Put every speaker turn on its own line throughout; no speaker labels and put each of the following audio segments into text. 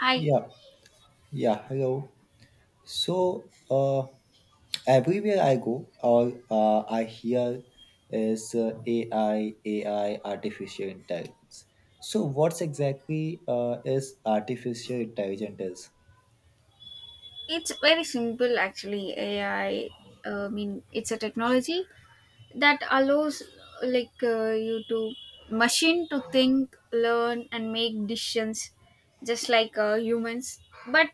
Hi.
Yeah, yeah, hello. So, uh, everywhere I go, or I hear is AI, artificial intelligence. So, what's exactly is artificial intelligence is?
It's very simple actually. AI, I mean, it's a technology that allows, like you to machine to think, learn, and make decisions just like humans, but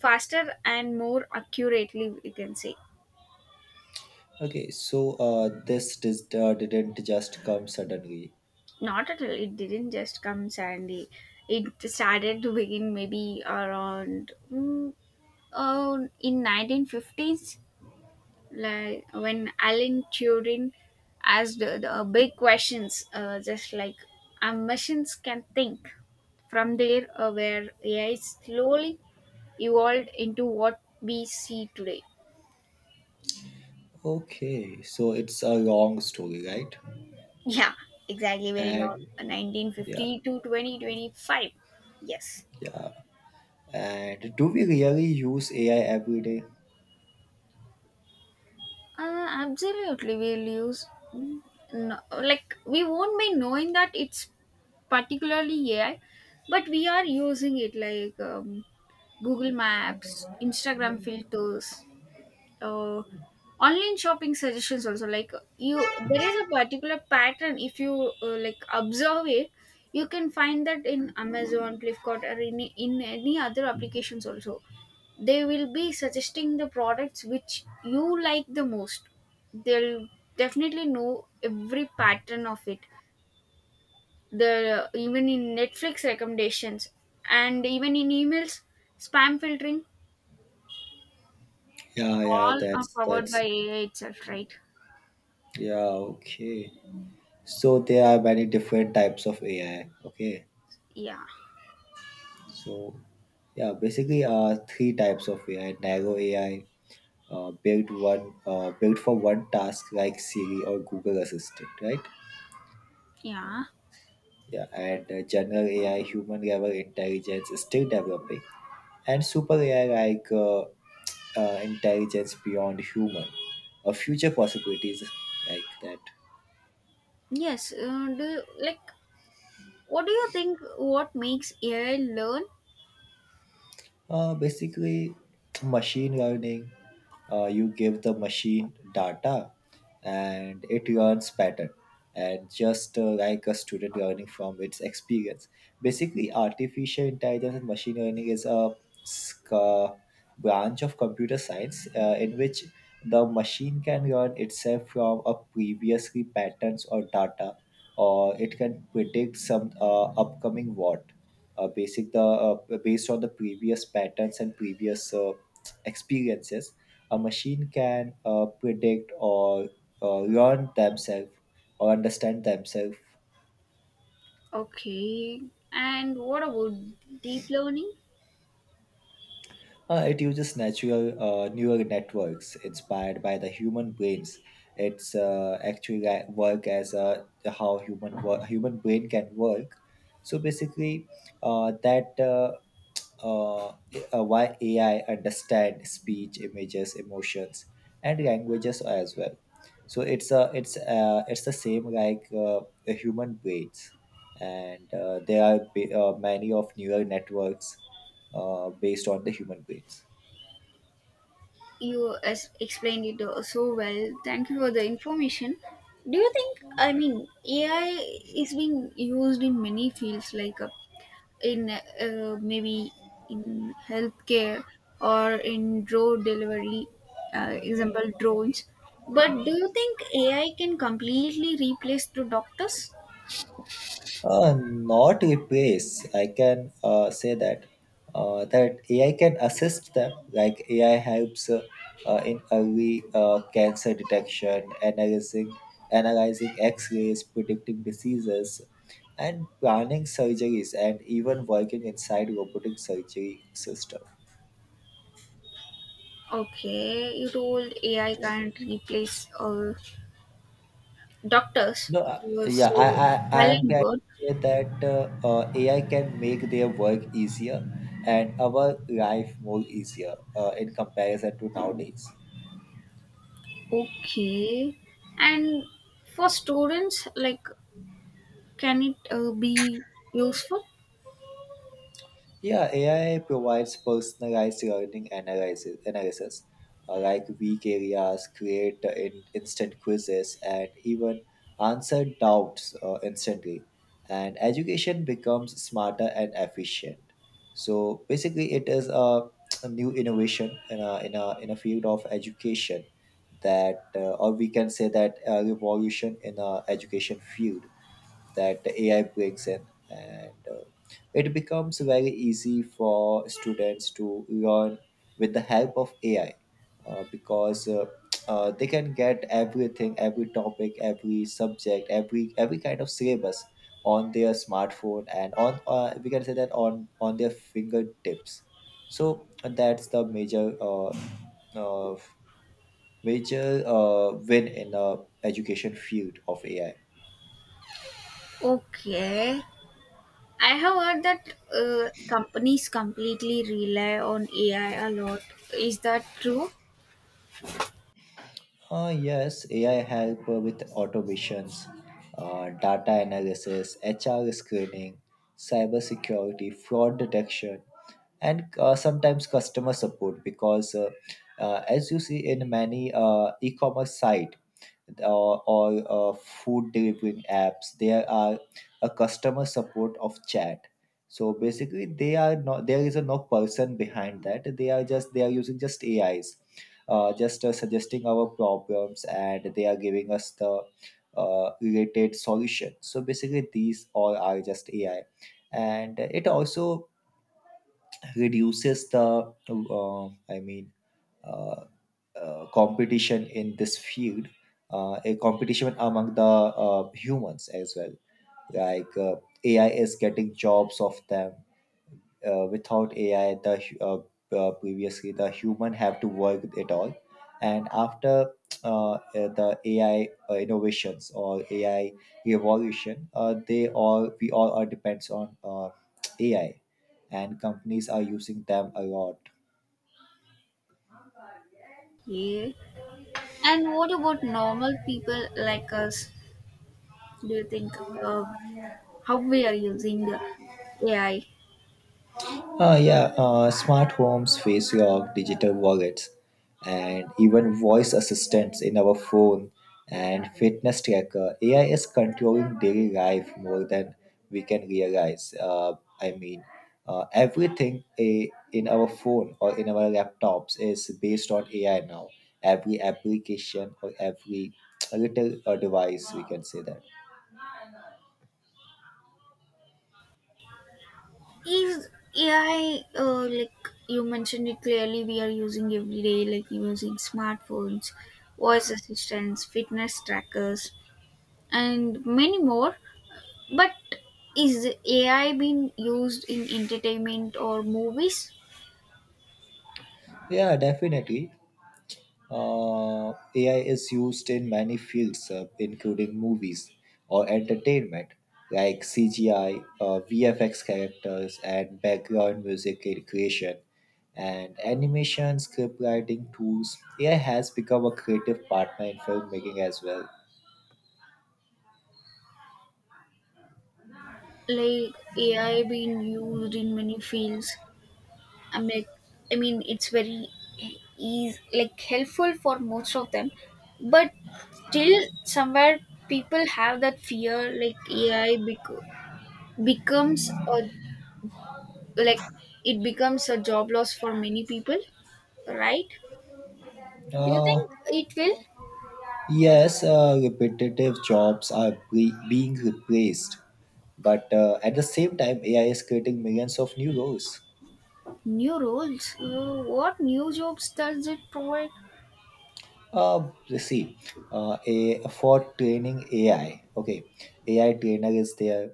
faster and more accurately, we can say.
Okay, so this didn't just come suddenly.
Not at all. It didn't just come suddenly. It started to begin maybe around in 1950s, like when Alan Turing asked the big questions, just like our machines can think. From there, where AI slowly evolved into what we see today.
Okay, so it's a long story, right?
Yeah, exactly. Very long,
And
nineteen
yeah,
fifty to 2025. Yes.
yeah. And do we really use AI every day?
Absolutely, we'll use. Mm, no, like we won't be knowing that it's particularly AI, but we are using it. Like Google Maps, Instagram filters, uh, online shopping suggestions. Also, like you, there is a particular pattern. If you like observe it, you can find that in Amazon, Flipkart, or in any other applications. Also, they will be suggesting the products which you like the most. They'll definitely know every pattern of it. The Even in Netflix recommendations and even in emails, spam filtering,
Yeah, yeah,
all are
that's
powered by
that's
AI itself, right?
Yeah, okay. So there are many different types of AI. Okay.
Yeah,
So yeah, basically three types of AI, narrow AI, built for one task like Siri or Google Assistant, right?
yeah,
Yeah, and general AI, human level intelligence is still developing, and super AI like intelligence beyond human, or future possibilities like that.
yes. Like, what do you think? What makes AI learn?
Basically, machine learning, you give the machine data and it learns pattern. And just like a student learning from its experience. Basically, artificial intelligence and machine learning is a s- uh, branch of computer science in which the machine can learn itself from a previously patterns or data, or it can predict some upcoming what, basic the based on the previous patterns and previous experiences. A machine can predict or learn themselves or understand themselves.
Okay, and what about deep learning?
It uses natural neural networks inspired by the human brains. It's actually like work as a, how human brain can work. So basically, that uh, why AI understand speech, images, emotions, and languages as well. So it's the same like a human brains, and there are many of neural networks based on the human brains.
You as explained it so well. Thank you for the information. Do you think? I mean, AI is being used in many fields like in, maybe in healthcare or in drone delivery, example drones. But do you think AI can completely replace the doctors?
Not replace. I can say that that AI can assist them. Like AI helps in early cancer detection, analyzing X-rays, predicting diseases, and planning surgeries, and even working inside robotic surgery system.
Okay, you told AI can't replace doctors.
No, yeah, I,
So
I, I
well
am
and
trying to
good.
say that AI can make their work easier and our life more easier in comparison to nowadays.
Okay, and for students, like, can it be useful?
Yeah, AI provides personalized learning analysis, like weak areas, create instant quizzes, and even answer doubts instantly. And education becomes smarter and efficient. So basically, a new innovation in a field of education that, or we can say that a revolution in a education field that the AI brings in. And it becomes very easy for students to learn with the help of AI because they can get everything, every topic, every subject, every kind of syllabus on their smartphone and on we can say that on their fingertips. So that's the major uh, major win in the education field of AI.
Okay, I have heard that companies completely rely on AI a lot. Is that true?
Yes, AI help with automations, data analysis, HR screening, cybersecurity, fraud detection, and sometimes customer support. Because as you see in many e-commerce site or food delivering apps, there are a customer support of chat. So basically, they are not, there is a no person behind that. They are just, they are using just AIs just suggesting our problems, and they are giving us the related solution. So basically, these all are just AI, and it also reduces the uh, competition in this field, a competition among the humans as well. Like AI is getting jobs of them without AI, previously the human have to work with it all, and after uh, uh, the AI uh, innovations or AI revolution, they all we all are depends on AI, and companies are using them a lot.
Yeah. And what about normal people like us? Do you think, uh, how we are using the AI?
Yeah, smart homes, face lock, digital wallets, and even voice assistants in our phone and fitness tracker. AI is controlling daily life more than we can realize. I mean, everything in our phone or in our laptops is based on AI now. Every application or every little device, we can say that.
Is AI like you mentioned it clearly? We are using every day, like using smartphones, voice assistants, fitness trackers, and many more. But is AI being used in entertainment or movies?
Yeah, definitely. AI is used in many fields, including movies or entertainment, like CGI, VFX characters, and background music creation, and animation, script writing tools. AI has become a creative partner in filmmaking as well.
Like AI being used in many fields. I mean, I mean, it's very easy, like helpful for most of them, but still somewhere people have that fear, like AI becomes a, like, it becomes a job loss for many people, right? Do you
Uh,
think it will?
yes, repetitive jobs are being replaced, but at the same time, AI is creating millions of new roles.
New roles? What new jobs does it provide?
Uh, See, a for training AI. Okay, AI trainer is there,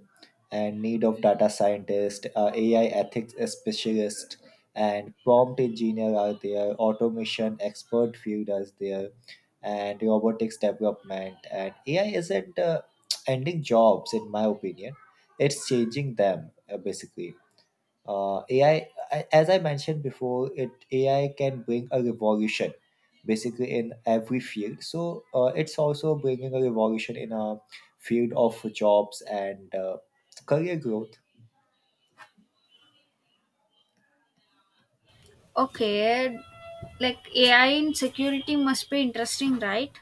and need of data scientist, AI ethics specialist, and prompt engineer are there. Automation expert field is there, and robotics development. And AI isn't ending jobs, in my opinion. It's changing them basically AI, as I mentioned before, it AI can bring a revolution basically in every field. So it's also bringing a revolution in a field of jobs and career growth.
Okay, like AI in security must be interesting, right?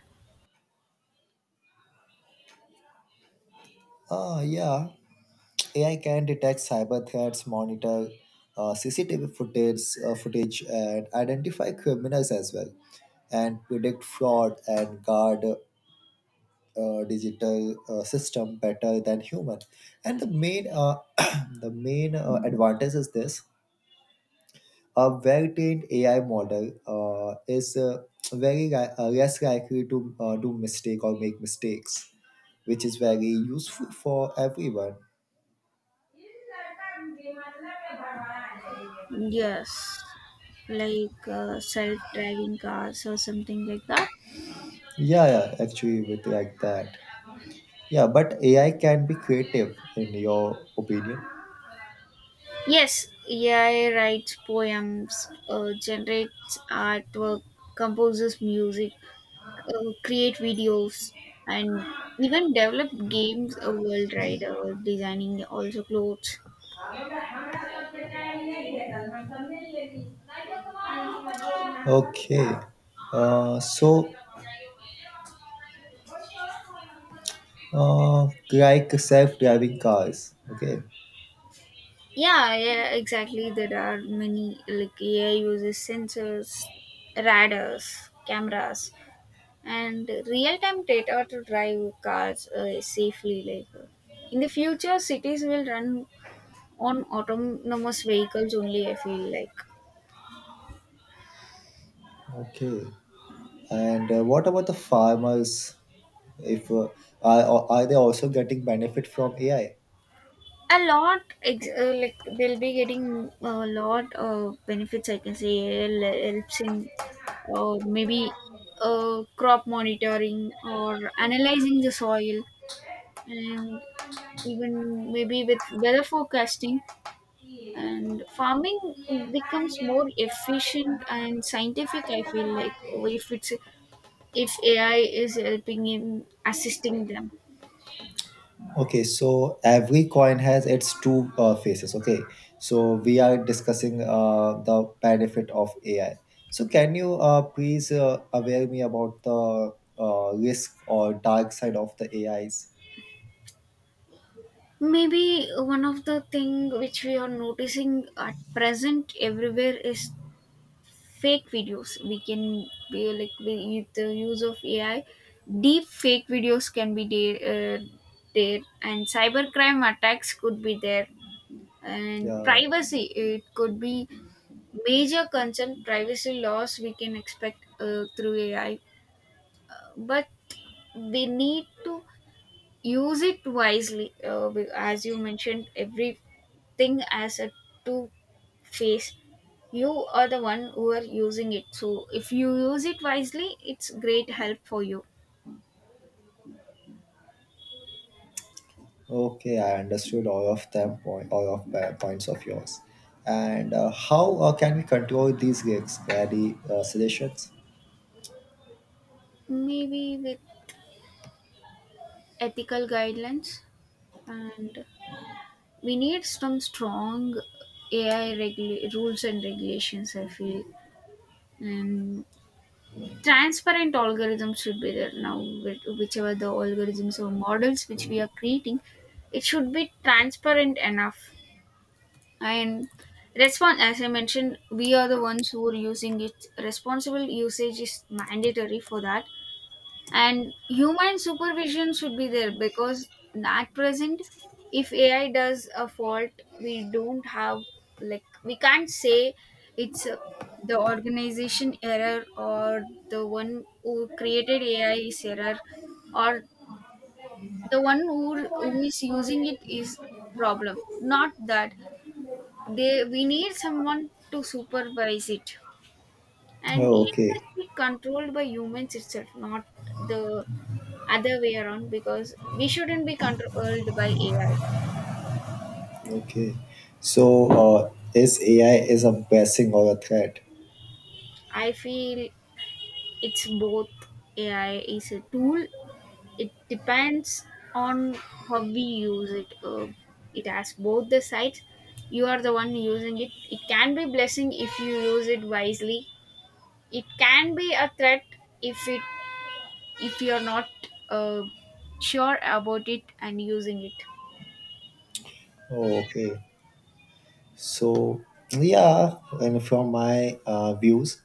Ah, yeah. AI can detect cyber threats, monitor CCTV footage, and identify criminals as well, and predict fraud and guard digital system better than human. And the main the main advantage is this: a well-trained AI model is less likely to do mistake or make mistakes, which is very useful for everyone.
Yes, like self driving cars or something like that.
Yeah, yeah, actually with like that. Yeah, but AI can be creative in your opinion?
Yes, AI writes poems, generates artwork, composes music, create videos, and even develop games. A world rider, designing also clothes.
Okay, uh, so like self-driving cars. Okay.
Yeah, yeah, exactly. There are many, like AI uses sensors, radars, cameras, and real-time data to drive cars safely. Like in the future, cities will run on autonomous vehicles only. I feel like
Okay. And what about the farmers? If are they also getting benefit from AI?
a lot like they'll be getting a lot of benefits. I can say AI helps in, maybe crop monitoring, or analyzing the soil, and even maybe with weather forecasting. And farming becomes more efficient and scientific, I feel like, if it's, if AI is helping in assisting them.
Okay, so every coin has its two faces. Okay, so we are discussing the benefit of AI. So can you please aware me about the risk or dark side of the AIs?
Maybe one of the thing which we are noticing at present everywhere is fake videos. We can be like, we, with the use of AI deep fake videos can be there, uh, there, and cybercrime attacks could be there, and
Yeah.
privacy, it could be major concern. Privacy laws we can expect through AI. But we need to use it wisely, as you mentioned, everything as a two face. You are the one who are using it, so if you use it wisely, it's great help for you.
Okay, I understood all of them point, all of points of yours. And how can we control these gigs? Any suggestions?
Maybe with ethical guidelines, and we need some strong AI rules and regulations, I feel. And transparent algorithms should be there now. Whichever the algorithms or models which we are creating, it should be transparent enough, and respond. As I mentioned, we are the ones who are using it. Responsible usage is mandatory for that, and human supervision should be there because at present, if AI does a fault, we don't have, like, we can't say it's, the organization error, or the one who created AI is error, or the one who is using it is problem, not that they we need someone to supervise it, and
Oh,
it
okay,
must be controlled by humans itself, not the other way around because we shouldn't be controlled by AI.
okay. So is AI is a blessing or a threat?
I feel it's both. AI is a tool. It depends on how we use it. It has both the sides. You are the one using it. It can be blessing if you use it wisely. It can be a threat, if it if you're not uh, sure about it and using it.
Oh, okay. So yeah, and from my views,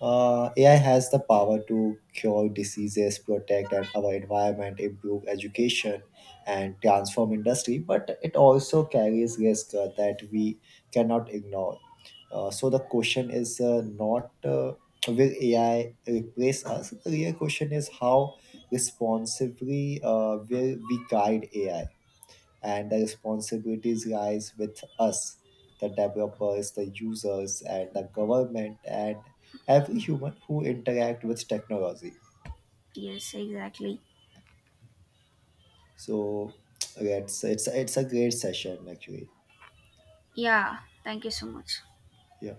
AI has the power to cure diseases, protect and our environment, improve education, and transform industry. But it also carries risk that we cannot ignore. So the question is not will AI replace us. The real question is how responsibly will we guide AI, and the responsibilities lies with us, the developers, the users, and the government, and every human who interact with technology.
Yes, exactly.
So yeah, it's a great session, actually.
Yeah, thank you so much.
Yeah.